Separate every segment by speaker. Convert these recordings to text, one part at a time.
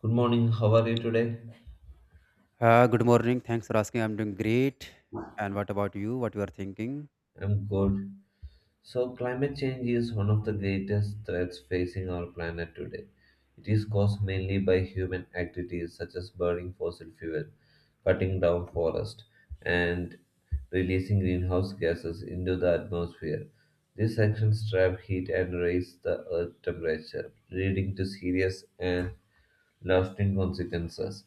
Speaker 1: Good morning, how are you today?
Speaker 2: Good morning. Thanks for asking. I'm doing great. And what about you? What you are thinking?
Speaker 1: I'm good. So, climate change is one of the greatest threats facing our planet today. It is caused mainly by human activities such as burning fossil fuel, cutting down forests, and releasing greenhouse gases into the atmosphere. These actions trap heat and raise the earth temperature, leading to serious and lasting consequences.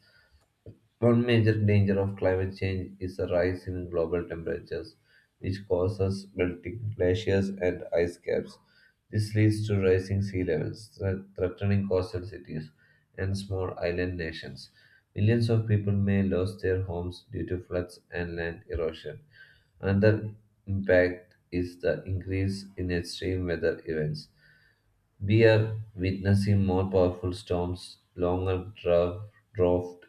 Speaker 1: One major danger of climate change is the rise in global temperatures, which causes melting glaciers and ice caps. This leads to rising sea levels, threatening coastal cities and small island nations. Millions of people may lose their homes due to floods and land erosion. Another impact is the increase in extreme weather events, we are witnessing more powerful storms, longer draft,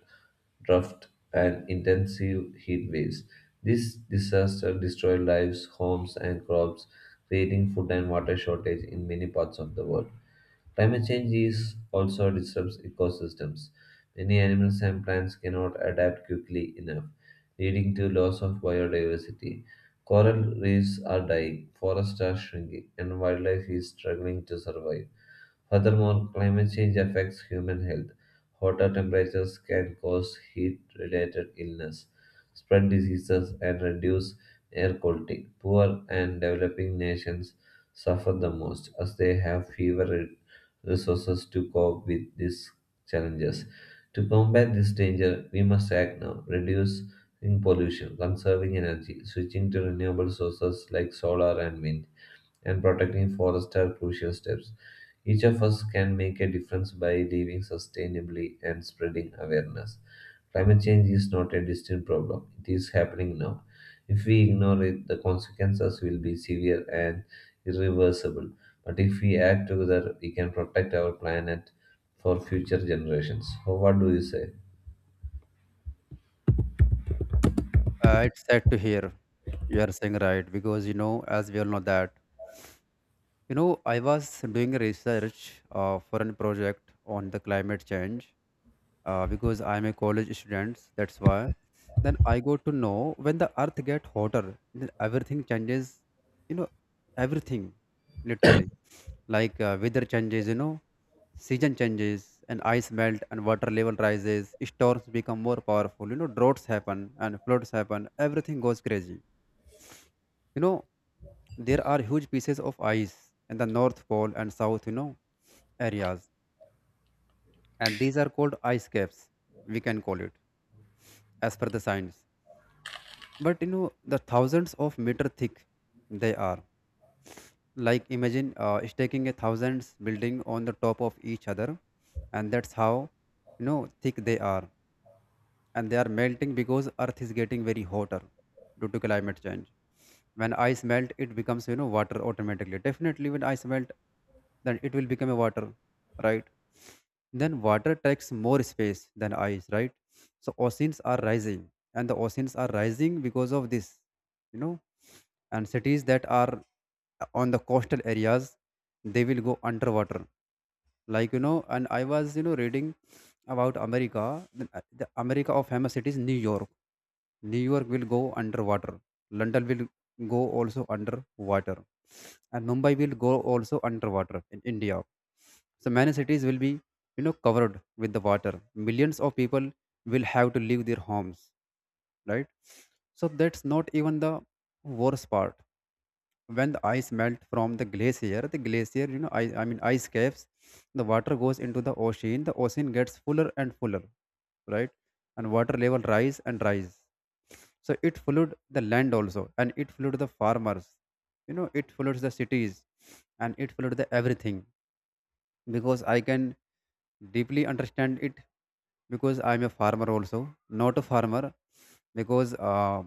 Speaker 1: draft, and intensive heat waves. This disaster destroyed lives, homes, and crops, creating food and water shortage in many parts of the world. Climate change is also disrupts ecosystems. Many animals and plants cannot adapt quickly enough, leading to loss of biodiversity. Coral reefs are dying, forests are shrinking, and wildlife is struggling to survive. Furthermore, climate change affects human health. Hotter temperatures can cause heat related illness, spread diseases, and reduce air quality. Poor and developing nations suffer the most as they have fewer resources to cope with these challenges. To combat this danger, we must act now, reducing pollution, conserving energy, switching to renewable sources like solar and wind, and protecting forests are crucial steps. Each of us can make a difference by living sustainably and spreading awareness. Climate change is not a distant problem, it is happening now. If we ignore it, the consequences will be severe and irreversible. But if we act together, we can protect our planet for future generations. So what do you say?
Speaker 2: It's sad to hear. You are saying right because, as we all know that, I was doing a research for a project on the climate change. Because I'm a college student, that's why. Then I got to know when the Earth get hotter, then everything changes. You know, everything literally like weather changes. Season changes and ice melt and water level rises. Storms become more powerful. Droughts happen and floods happen. Everything goes crazy. You know, there are huge pieces of ice in the North Pole and South, areas. And these are called ice caps, we can call it, as per the science. But the thousands of meter thick they are. Like imagine stacking a thousands building on the top of each other, and that's how thick they are, and they are melting because earth is getting very hotter due to climate change. When ice melt, it becomes water automatically. Definitely when ice melt, then it will become a water, right? Then water takes more space than ice, right? So oceans are rising, and the oceans are rising because of this, you know and cities that are on the coastal areas, they will go underwater. Like and i was reading about america. The america of famous cities, new york. New york will go underwater, london will go also underwater, and mumbai will go also underwater in india. So many cities will be, covered with the water. Millions of people will have to leave their homes, right? So that's not even the worst part. When the ice melt from the glacier, the glacier I mean ice caps, the water goes into the ocean. The ocean gets fuller and fuller, right? And water level rise and rise. So it flooded the land also, and it flooded the farmers, it floods the cities, and it flooded the everything. Because I can deeply understand it, because I'm a farmer also. Not a farmer, because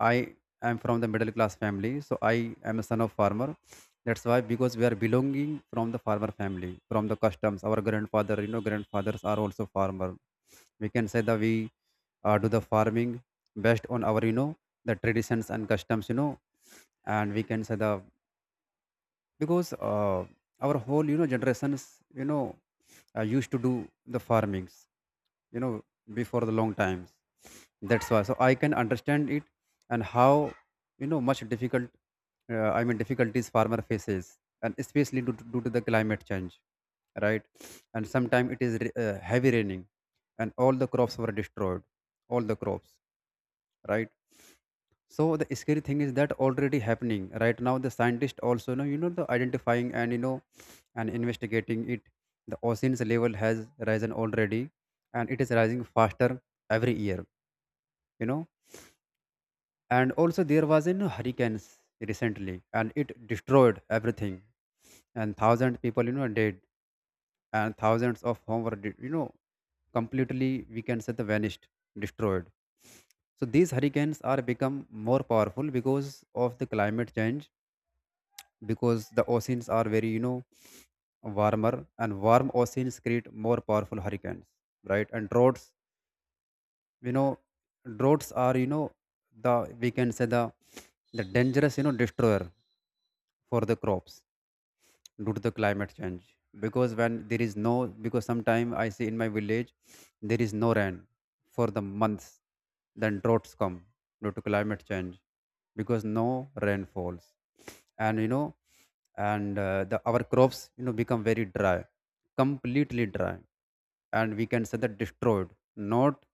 Speaker 2: I am from the middle class family, so I am a son of farmer. That's why, because we are belonging from the farmer family, from the customs. Our grandfather, grandfathers are also farmer. We can say that we do the farming based on our, the traditions and customs, and we can say the because our whole, generations, used to do the farmings, you know before the long times. That's why, so I can understand it. And how, much difficult, I mean difficulties farmer faces, and especially due to, the climate change, right? And sometimes it is heavy raining, and all the crops were destroyed. All the crops, right? So the scary thing is that already happening right now. The scientists also know, the identifying and and investigating it. The oceans level has risen already, and it is rising faster every year, you know and also there was in hurricanes recently, and it destroyed everything, and thousand people, dead, and thousands of home were completely, we can say the vanished, destroyed. So these hurricanes are become more powerful because of the climate change, because the oceans are very, warmer, and warm oceans create more powerful hurricanes, right? And droughts, you know droughts are, the, we can say the dangerous, destroyer for the crops due to the climate change. Because when there is no, because sometime I see in my village, there is no rain for the months, then droughts come due to climate change, because no rain falls. And and the our crops, become very dry, completely dry, and we can say that destroyed. Not,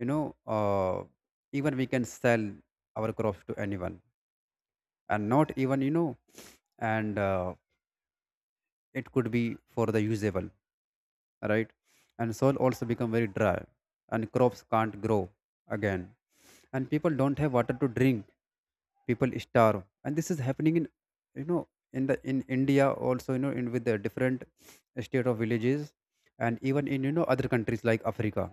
Speaker 2: you know uh, even we can sell our crops to anyone, and not even, and it could be for the usable, right? And soil also become very dry, and crops can't grow again, and people don't have water to drink. People starve, and this is happening in, you know in the in india also, in with the different state of villages, and even in, other countries like africa,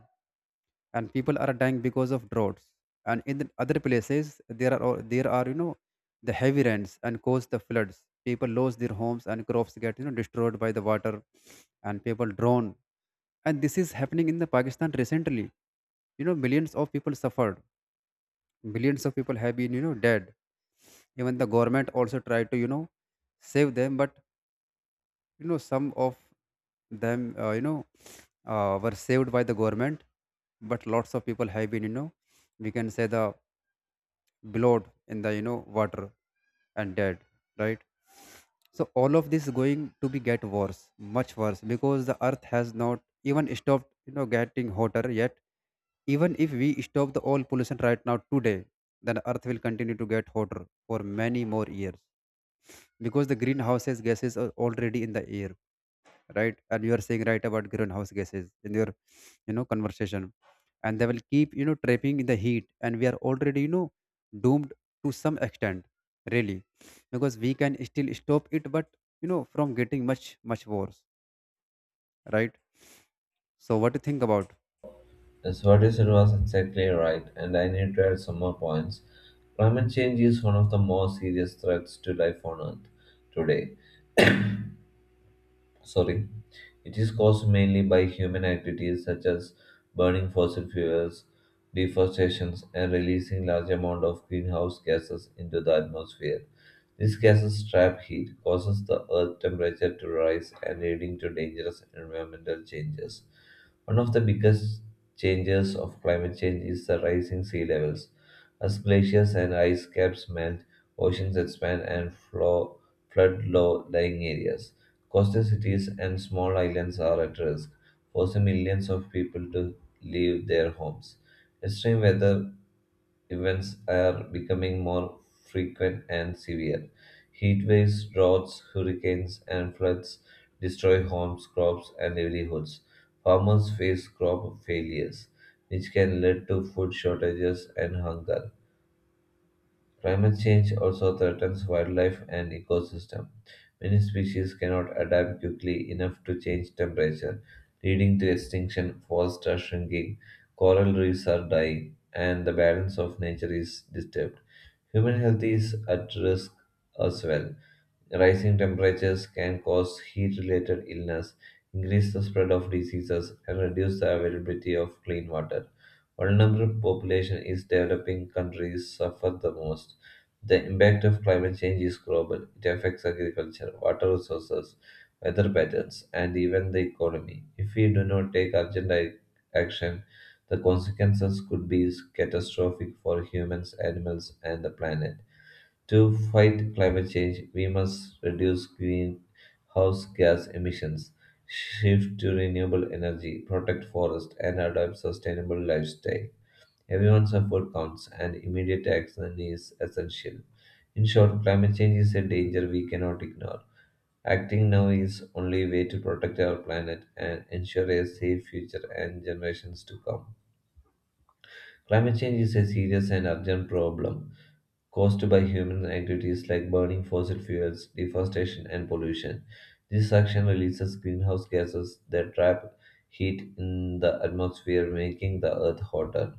Speaker 2: and people are dying because of droughts. And in the other places, there are the heavy rains and cause the floods. People lose their homes, and crops get, destroyed by the water, and people drown. And this is happening in the pakistan recently. Millions of people suffered, millions of people have been, dead. Even the government also tried to, save them, but some of them, were saved by the government, but lots of people have been, we can say the blowed in the, water, and dead, right? So all of this is going to be get worse, much worse, because the earth has not even stopped, getting hotter yet. Even if we stop the all pollution right now today, then earth will continue to get hotter for many more years, because the greenhouse gases are already in the air, right? And you are saying right about greenhouse gases in your, conversation, and they will keep, trapping in the heat, and we are already, doomed to some extent, really, because we can still stop it, but from getting much, much worse, right? So, what do you think about?
Speaker 1: Yes, what you said was exactly right, and I need to add some more points. Climate change is one of the most serious threats to life on Earth today. Sorry. It is caused mainly by human activities such as burning fossil fuels, deforestation, and releasing large amount of greenhouse gases into the atmosphere. These gases trap heat, causes the earth temperature to rise and leading to dangerous environmental changes. One of the biggest changes of climate change is the rising sea levels. As glaciers and ice caps melt, oceans expand and flow, flood low-lying areas. Coastal cities and small islands are at risk, forcing millions of people to leave their homes. Extreme weather events are becoming more frequent and severe. Heat waves, droughts, hurricanes, and floods destroy homes, crops, and livelihoods. Farmers face crop failures, which can lead to food shortages and hunger. Climate change also threatens wildlife and ecosystem. Many species cannot adapt quickly enough to change temperature, leading to extinction, forests are shrinking, coral reefs are dying, and the balance of nature is disturbed. Human health is at risk as well. Rising temperatures can cause heat-related illness, increase the spread of diseases, and reduce the availability of clean water, vulnerable population in developing countries suffer the most. The impact of climate change is global. It affects agriculture, water resources, weather patterns, and even the economy. If we do not take urgent action, the consequences could be catastrophic for humans, animals, and the planet. To fight climate change, we must reduce greenhouse gas emissions, shift to renewable energy, protect forests, and adopt sustainable lifestyle. Everyone's effort counts, and immediate action is essential. In short, climate change is a danger we cannot ignore. Acting now is only way to protect our planet and ensure a safe future and generations to come. Climate change is a serious and urgent problem caused by human activities like burning fossil fuels, deforestation, and pollution. This action releases greenhouse gases that trap heat in the atmosphere, making the earth hotter.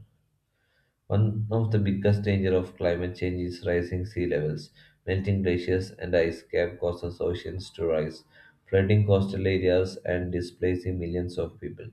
Speaker 1: One of the biggest danger of climate change is rising sea levels. Melting glaciers and ice cap causes oceans to rise, flooding coastal areas and displacing millions of people.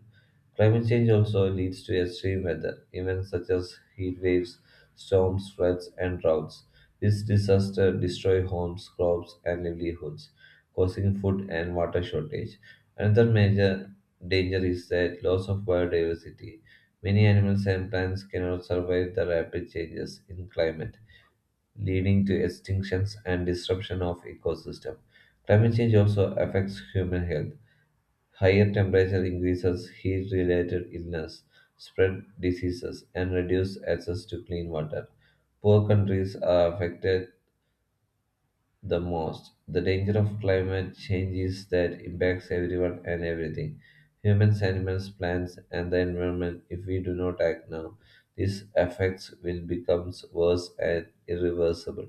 Speaker 1: Climate change also leads to extreme weather, events such as heat waves, storms, floods, and droughts. These disasters destroy homes, crops, and livelihoods, causing food and water shortage. Another major danger is that loss of biodiversity. Many animals and plants cannot survive the rapid changes in climate, leading to extinctions and disruption of ecosystem. Climate change also affects human health. Higher temperature increases heat-related illness, spread diseases, and reduce access to clean water. Poor countries are affected the most. The danger of climate change is that it impacts everyone and everything. Humans, animals, plants, and the environment if we do not act now. These effects will become worse and irreversible.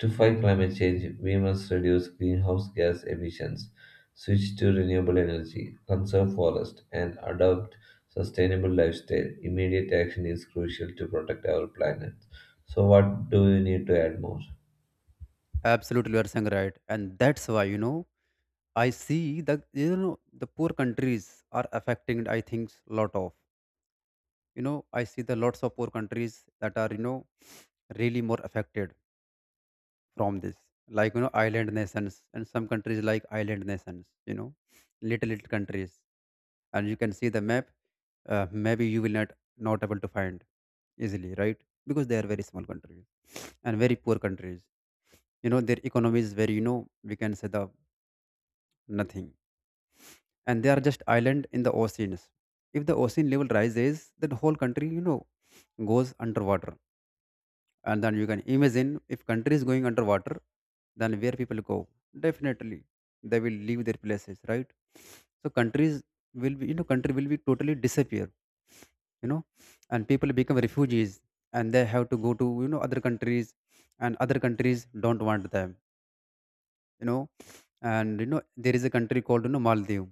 Speaker 1: To fight climate change, we must reduce greenhouse gas emissions, switch to renewable energy, conserve forest, and adopt sustainable lifestyle. Immediate action is crucial to protect our planet. So what do you need to add more?
Speaker 2: Absolutely, you are saying right, and that's why, I see the, the poor countries are affecting. I think lot of, I see the lots of poor countries that are, really more affected from this, like island nations, and some countries like island nations, little little countries. And you can see the map. Maybe you will not, not able to find easily, right? Because they are very small countries and very poor countries. Their economy is very, we can say the nothing. And they are just island in the oceans. If the ocean level rises, then whole country, goes underwater. And then you can imagine, if country is going underwater, then where people go? Definitely they will leave their places, right? So countries will be, country will be totally disappear, you know and people become refugees, and they have to go to, other countries, and other countries don't want them, you know and there is a country called, maldives.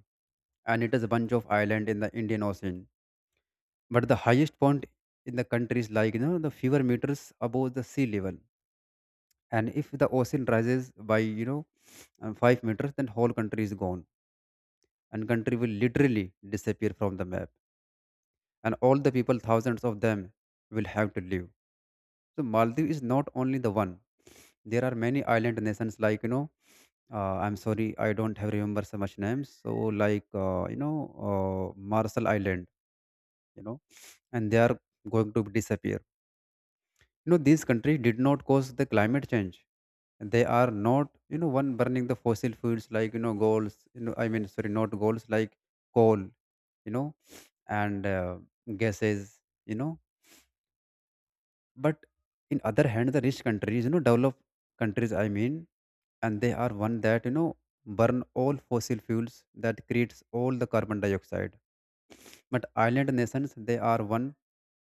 Speaker 2: And it is a bunch of island in the indian ocean. But the highest point in the country is like, the fewer meters above the sea level. And if the ocean rises by, 5 meters, then whole country is gone, and country will literally disappear from the map, and all the people, thousands of them, will have to leave. So maldives is not only the one. There are many island nations, like I'm sorry I don't have remember so much names. So like uh, marshall island, you know and they are going to disappear. You know, these countries did not cause the climate change. They are not, one burning the fossil fuels, like, goals, I mean, sorry, not goals like coal, and gases, you know. But in other hand, the rich countries, developed countries, I mean, and they are one that, burn all fossil fuels that creates all the carbon dioxide. But island nations, they are one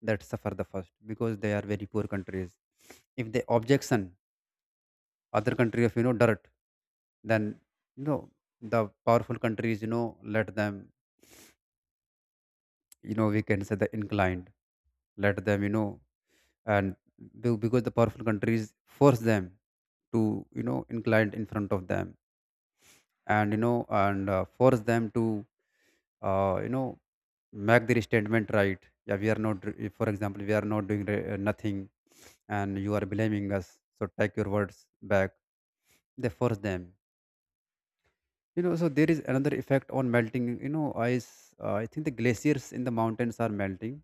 Speaker 2: that suffer the first, because they are very poor countries. If they objection other country of dirt, then you know the powerful countries, let them, we can say the inclined, let them, and because the powerful countries force them to, inclined in front of them, and, and, force them to, uh, you know make their statement, right? Yeah, we are not if, for example, we are not doing nothing, and you are blaming us, so take your words back. They force them. So there is another effect on melting, ice. I think the glaciers in the mountains are melting,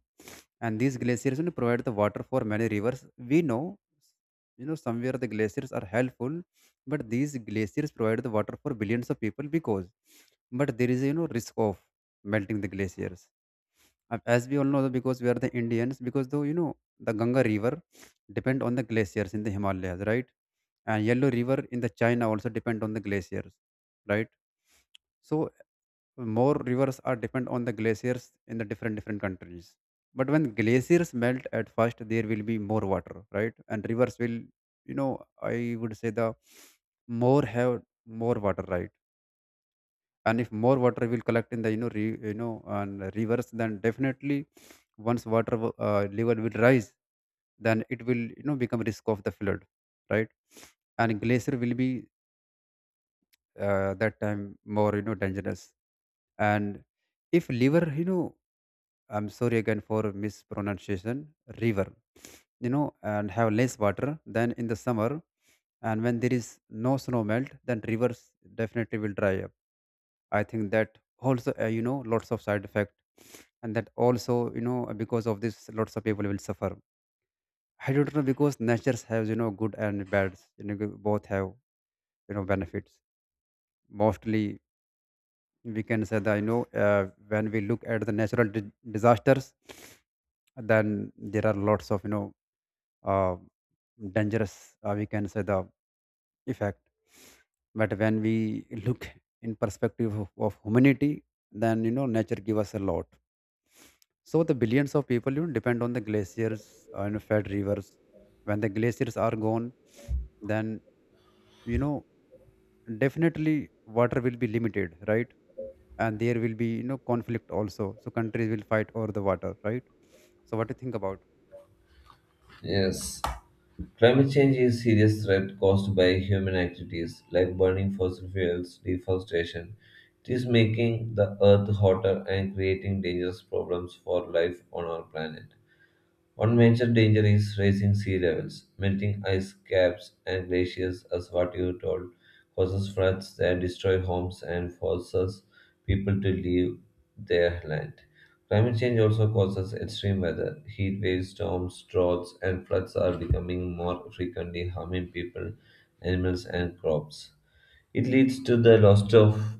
Speaker 2: and these glaciers, provide the water for many rivers. We know, somewhere the glaciers are helpful, but these glaciers provide the water for billions of people, because but there is, risk of melting the glaciers. As we all know, because we are the Indians, because though, the Ganga river depend on the glaciers in the Himalayas, right? And Yellow river in the China also depend on the glaciers, right? So more rivers are depend on the glaciers in the different different countries. But when glaciers melt at first, there will be more water, right? And rivers will, I would say the more have more water, right? And if more water will collect in the, you know re, you know and rivers, then definitely once level will rise, then it will, become risk of the flood, right? And glacier will be, that time, more, dangerous, and if liver, I'm sorry again for mispronunciation, river, you know and have less water than in the summer, and when there is no snow melt, then rivers definitely will dry up. I think that also, lots of side effect, and that also, because of this, lots of people will suffer. I don't know, because natures has, good and bad. Both have, benefits mostly. We can say that, when we look at the natural disasters, then there are lots of, uh, dangerous, we can say the effect. But when we look in perspective of humanity, then, nature give us a lot. So the billions of people, depend on the glaciers, and fed rivers. When the glaciers are gone, then, you know definitely water will be limited, right? And there will be, conflict also, so countries will fight over the water, right? So what do you think about?
Speaker 1: Yes. Climate change is a serious threat caused by human activities like burning fossil fuels, deforestation. It is making the earth hotter and creating dangerous problems for life on our planet. One major danger is rising sea levels. Melting ice caps and glaciers, as what you told, causes floods that destroy homes and forces people to leave their land. Climate change also causes extreme weather. Heat waves, storms, droughts, and floods are becoming more frequently harming people, animals, and crops. It leads to the loss of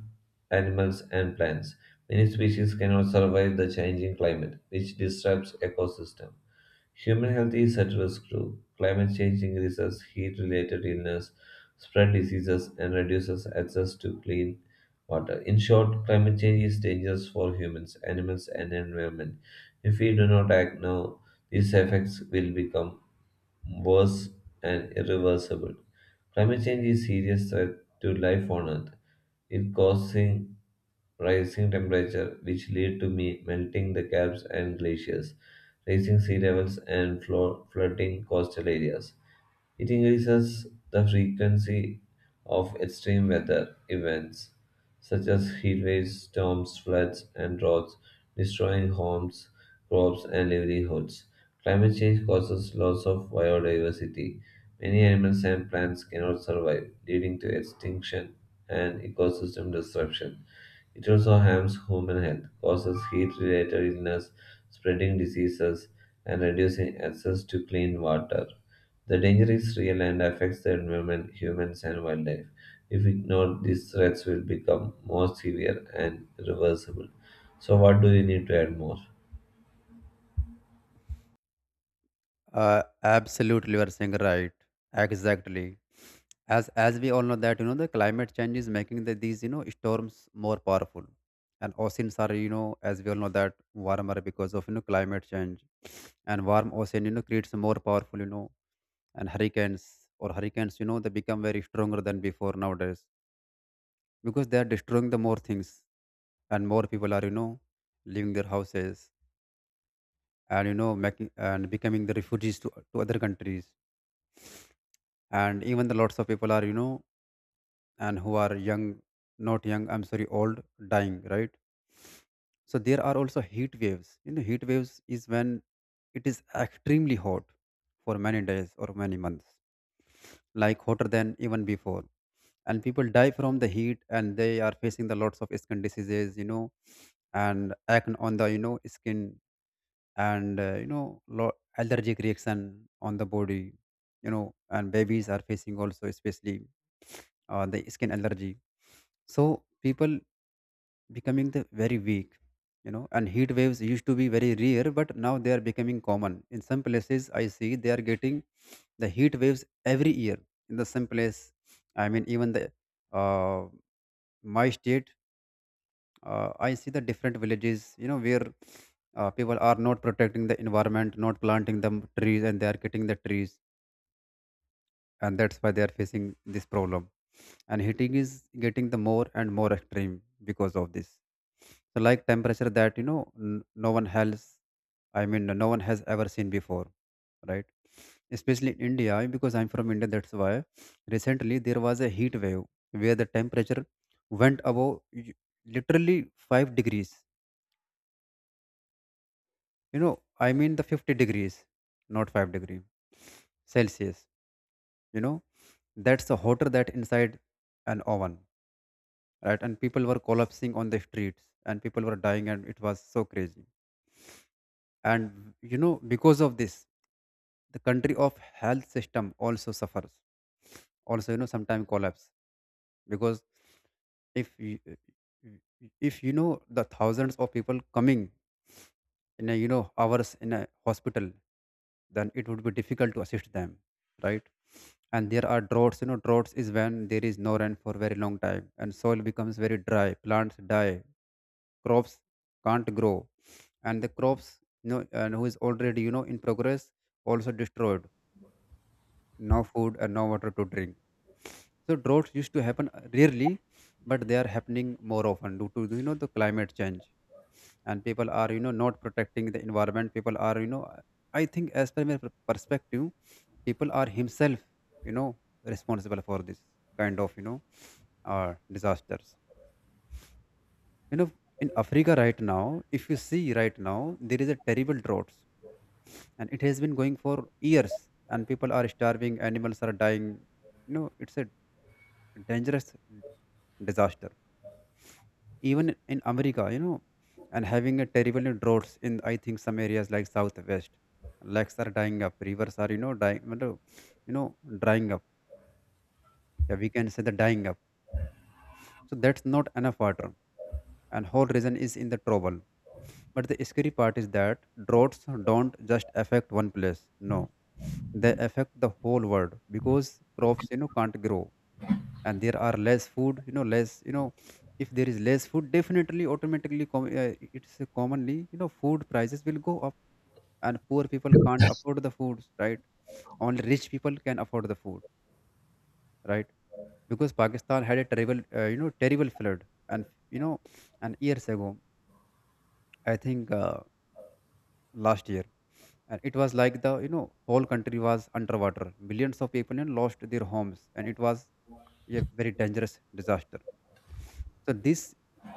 Speaker 1: animals and plants. Many species cannot survive the changing climate, which disrupts ecosystem. Human health is at risk too. Climate change increases heat related illness, spread diseases, and reduces access to clean water. In short, climate change is dangerous for humans, animals, and environment. If we do not act now, these effects will become worse and irreversible. Climate change is a serious threat to life on Earth. It causing rising temperature, which lead to me melting the caps and glaciers, raising sea levels and flooding coastal areas. It increases the frequency of extreme weather events such as heat waves, storms, floods, and droughts, destroying homes, crops, and livelihoods. Climate change causes loss of biodiversity. Many animals and plants cannot survive, leading to extinction and ecosystem disruption. It also harms human health, causes heat related illness, spreading diseases, and reducing access to clean water. The danger is real and affects the environment, humans, and wildlife. If ignored, these threats will become more severe and irreversible. So, what do you need to add more?
Speaker 2: Absolutely, you are saying right. Exactly. As we all know that, the climate change is making these, storms more powerful, and oceans are, as we all know that, warmer because of, climate change. And warm ocean, creates more powerful, and hurricanes. Or hurricanes, they become very stronger than before nowadays, because they are destroying the more things, and more people are, leaving their houses, and, making and becoming the refugees to other countries, and even the lots of people are, and who are young not young, I'm sorry, old dying right? So there are also heat waves. Heat waves is when it is extremely hot for many days or many months, like hotter than even before. And people die from the heat, and they are facing the lots of skin diseases, and acne on the, skin, and, allergic reaction on the body, and babies are facing also, especially, the skin allergy. So people becoming the very weak. And heat waves used to be very rare, but now they are becoming common in some places. I see they are getting the heat waves every year in the same place. I mean, even the, uh, my state. I see the different villages, where, people are not protecting the environment, not planting the trees, and they are cutting the trees, and that's why they are facing this problem. And heating is getting the more and more extreme because of this. So, like temperature that, no one else, I mean, no one has ever seen before, right? Especially in India, because I'm from India, that's why recently there was a heat wave where the temperature went above literally 5 degrees, you know I mean, the 50 degrees, not 5-degree Celsius, you know that's the hotter that inside an oven, right? And people were collapsing on the streets, and people were dying, and it was so crazy. And, because of this, the country of health system also suffers, also, sometimes collapse, because if you, if you know the thousands of people coming in a, hours in a hospital, then it would be difficult to assist them, right? And there are droughts. Droughts is when there is no rain for very long time, and soil becomes very dry, plants die, crops can't grow, and the crops, and who is already, in progress, also destroyed. No food and no water to drink. So droughts used to happen, rarely, but they are happening more often due to, the climate change, and people are, not protecting the environment. People are, I think, as per my perspective, people are himself, you know responsible for this kind of, disasters. You know in Africa right now, if you see right now, there is a terrible droughts, and it has been going for years, and people are starving, animals are dying. It's a dangerous disaster, even in America, and having a terrible droughts in, I think, some areas like southwest, lakes are dying up, rivers are, dying मतलब, drying up. Yeah, we can say the dying up. So that's not enough water, and whole region is in the trouble. But the scary part is that droughts don't just affect one place. No, they affect the whole world, because crops, can't grow, and there are less food. Less. If there is less food, definitely, automatically, it's a commonly, food prices will go up, and poor people can't afford the foods, right? Only rich people can afford the food, right? Because Pakistan had a terrible, terrible flood, and, you know, and years ago, I think, last year, and it was like the, whole country was underwater. Millions of people, lost their homes, and it was a very dangerous disaster. So this,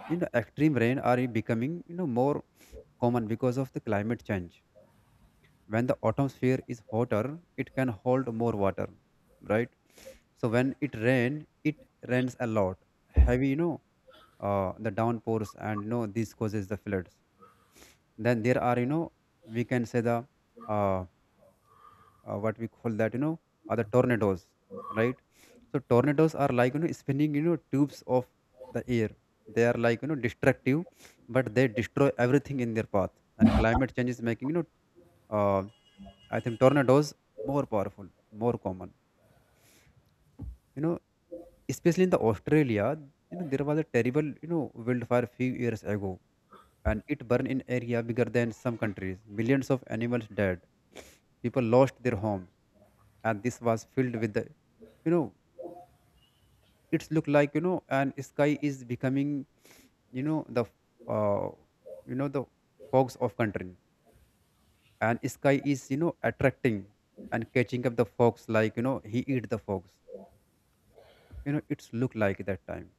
Speaker 2: extreme rain are becoming, more common because of the climate change. When the atmosphere is hotter, it can hold more water, right? So when it rain, it rains a lot. Heavy, the downpours, and, this causes the floods. Then there are, we can say the, uh, what we call that, are the tornadoes, right? So tornadoes are like, spinning, tubes of the air. They are like, destructive, but they destroy everything in their path. And climate change is making, uh, I think, tornadoes more powerful, more common, you know especially in the Australia. There was a terrible, wildfire few years ago, and it burned in area bigger than some countries. Millions of animals died. People lost their homes, and this was filled with the, you know, it's look like, and sky is becoming, you know the, uh, you know the fogs of country, and sky is, attracting and catching up the fox like, he eat the fox. It's look like that time,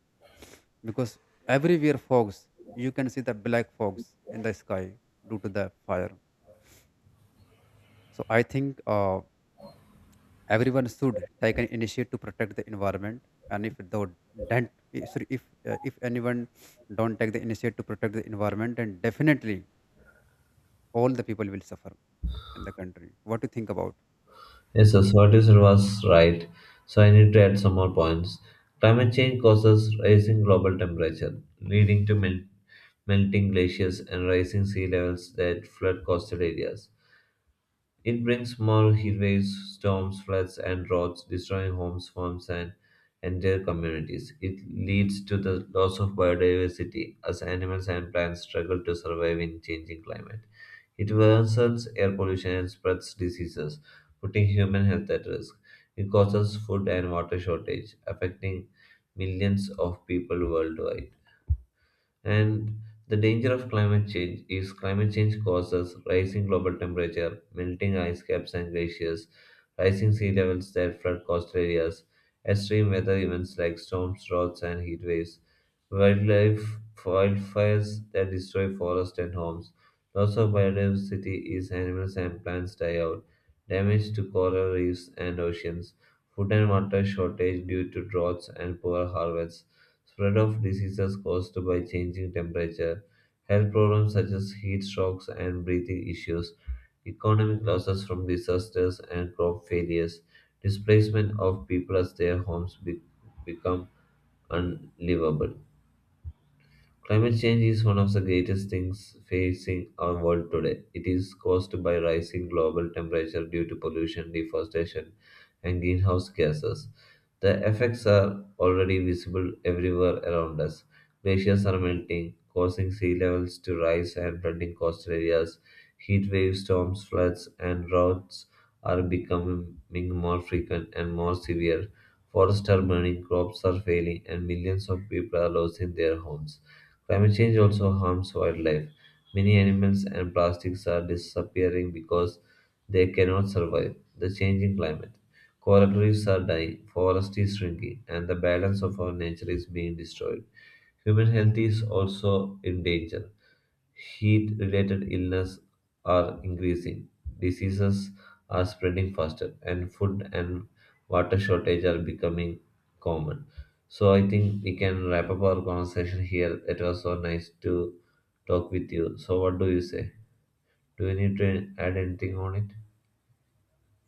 Speaker 2: because everywhere fogs you can see the black fogs in the sky due to the fire. So I think, everyone should take an initiative to protect the environment. And if the don't, if- sorry, if anyone don't take the initiative to protect the environment, then definitely all the people will suffer in the country. What do you think about?
Speaker 1: Yes, so what you said was right. So, I need to add some more points. Climate change causes rising global temperature, leading to melting glaciers and rising sea levels that flood coastal areas. It brings small heatwaves, storms, floods, and droughts, destroying homes, farms, and entire communities. It leads to the loss of biodiversity as animals and plants struggle to survive in changing climate. It worsens air pollution and spreads diseases, putting human health at risk. It causes food and water shortage, affecting millions of people worldwide. And the danger of climate change is climate change causes rising global temperature, melting ice caps and glaciers, rising sea levels that flood coastal areas, extreme weather events like storms, droughts, and heat waves, wildlife wildfires that destroy forests and homes, loss of biodiversity as animals and plants die out, damage to coral reefs and oceans, food and water shortage due to droughts and poor harvests. Spread of diseases caused by changing temperature, health problems such as heat strokes and breathing issues, economic losses from disasters and crop failures, displacement of people as their homes become unlivable. Climate change is one of the greatest things facing our world today. It is caused by rising global temperature due to pollution, deforestation, and greenhouse gases. The effects are already visible everywhere around us. Glaciers are melting, causing sea levels to rise and flooding coastal areas. Heat waves, storms, floods, and droughts are becoming more frequent and more severe. Forests are burning, crops are failing, and millions of people are losing their homes. Climate change also harms wildlife. Many animals and plastics are disappearing because they cannot survive the changing climate. Coral reefs are dying, forest is shrinking, and the balance of our nature is being destroyed. Human health is also in danger. Heat related illnesses are increasing, diseases are spreading faster, and food and water shortage are becoming common. So I think we can wrap up our conversation here. It was so nice to talk with you. So what do you say? Do you need to add anything on it?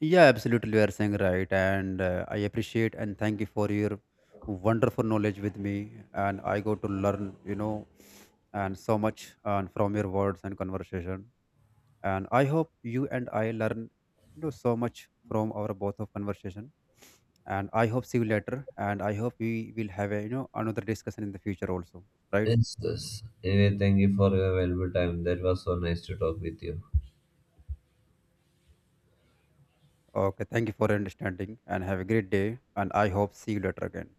Speaker 2: Yeah, absolutely, you are saying right, and, I appreciate and thank you for your wonderful knowledge with me, and I go to learn, and so much, from your words and conversation. And I hope you and I learn, so much from our both of conversation. And I hope see you later, and I hope we will have a, another discussion in the future also, right?
Speaker 1: Yes, yes. Anyway, thank you for your valuable time. That was so nice to talk with you.
Speaker 2: Okay, thank you for your understanding, and have a great day. And I hope see you later again.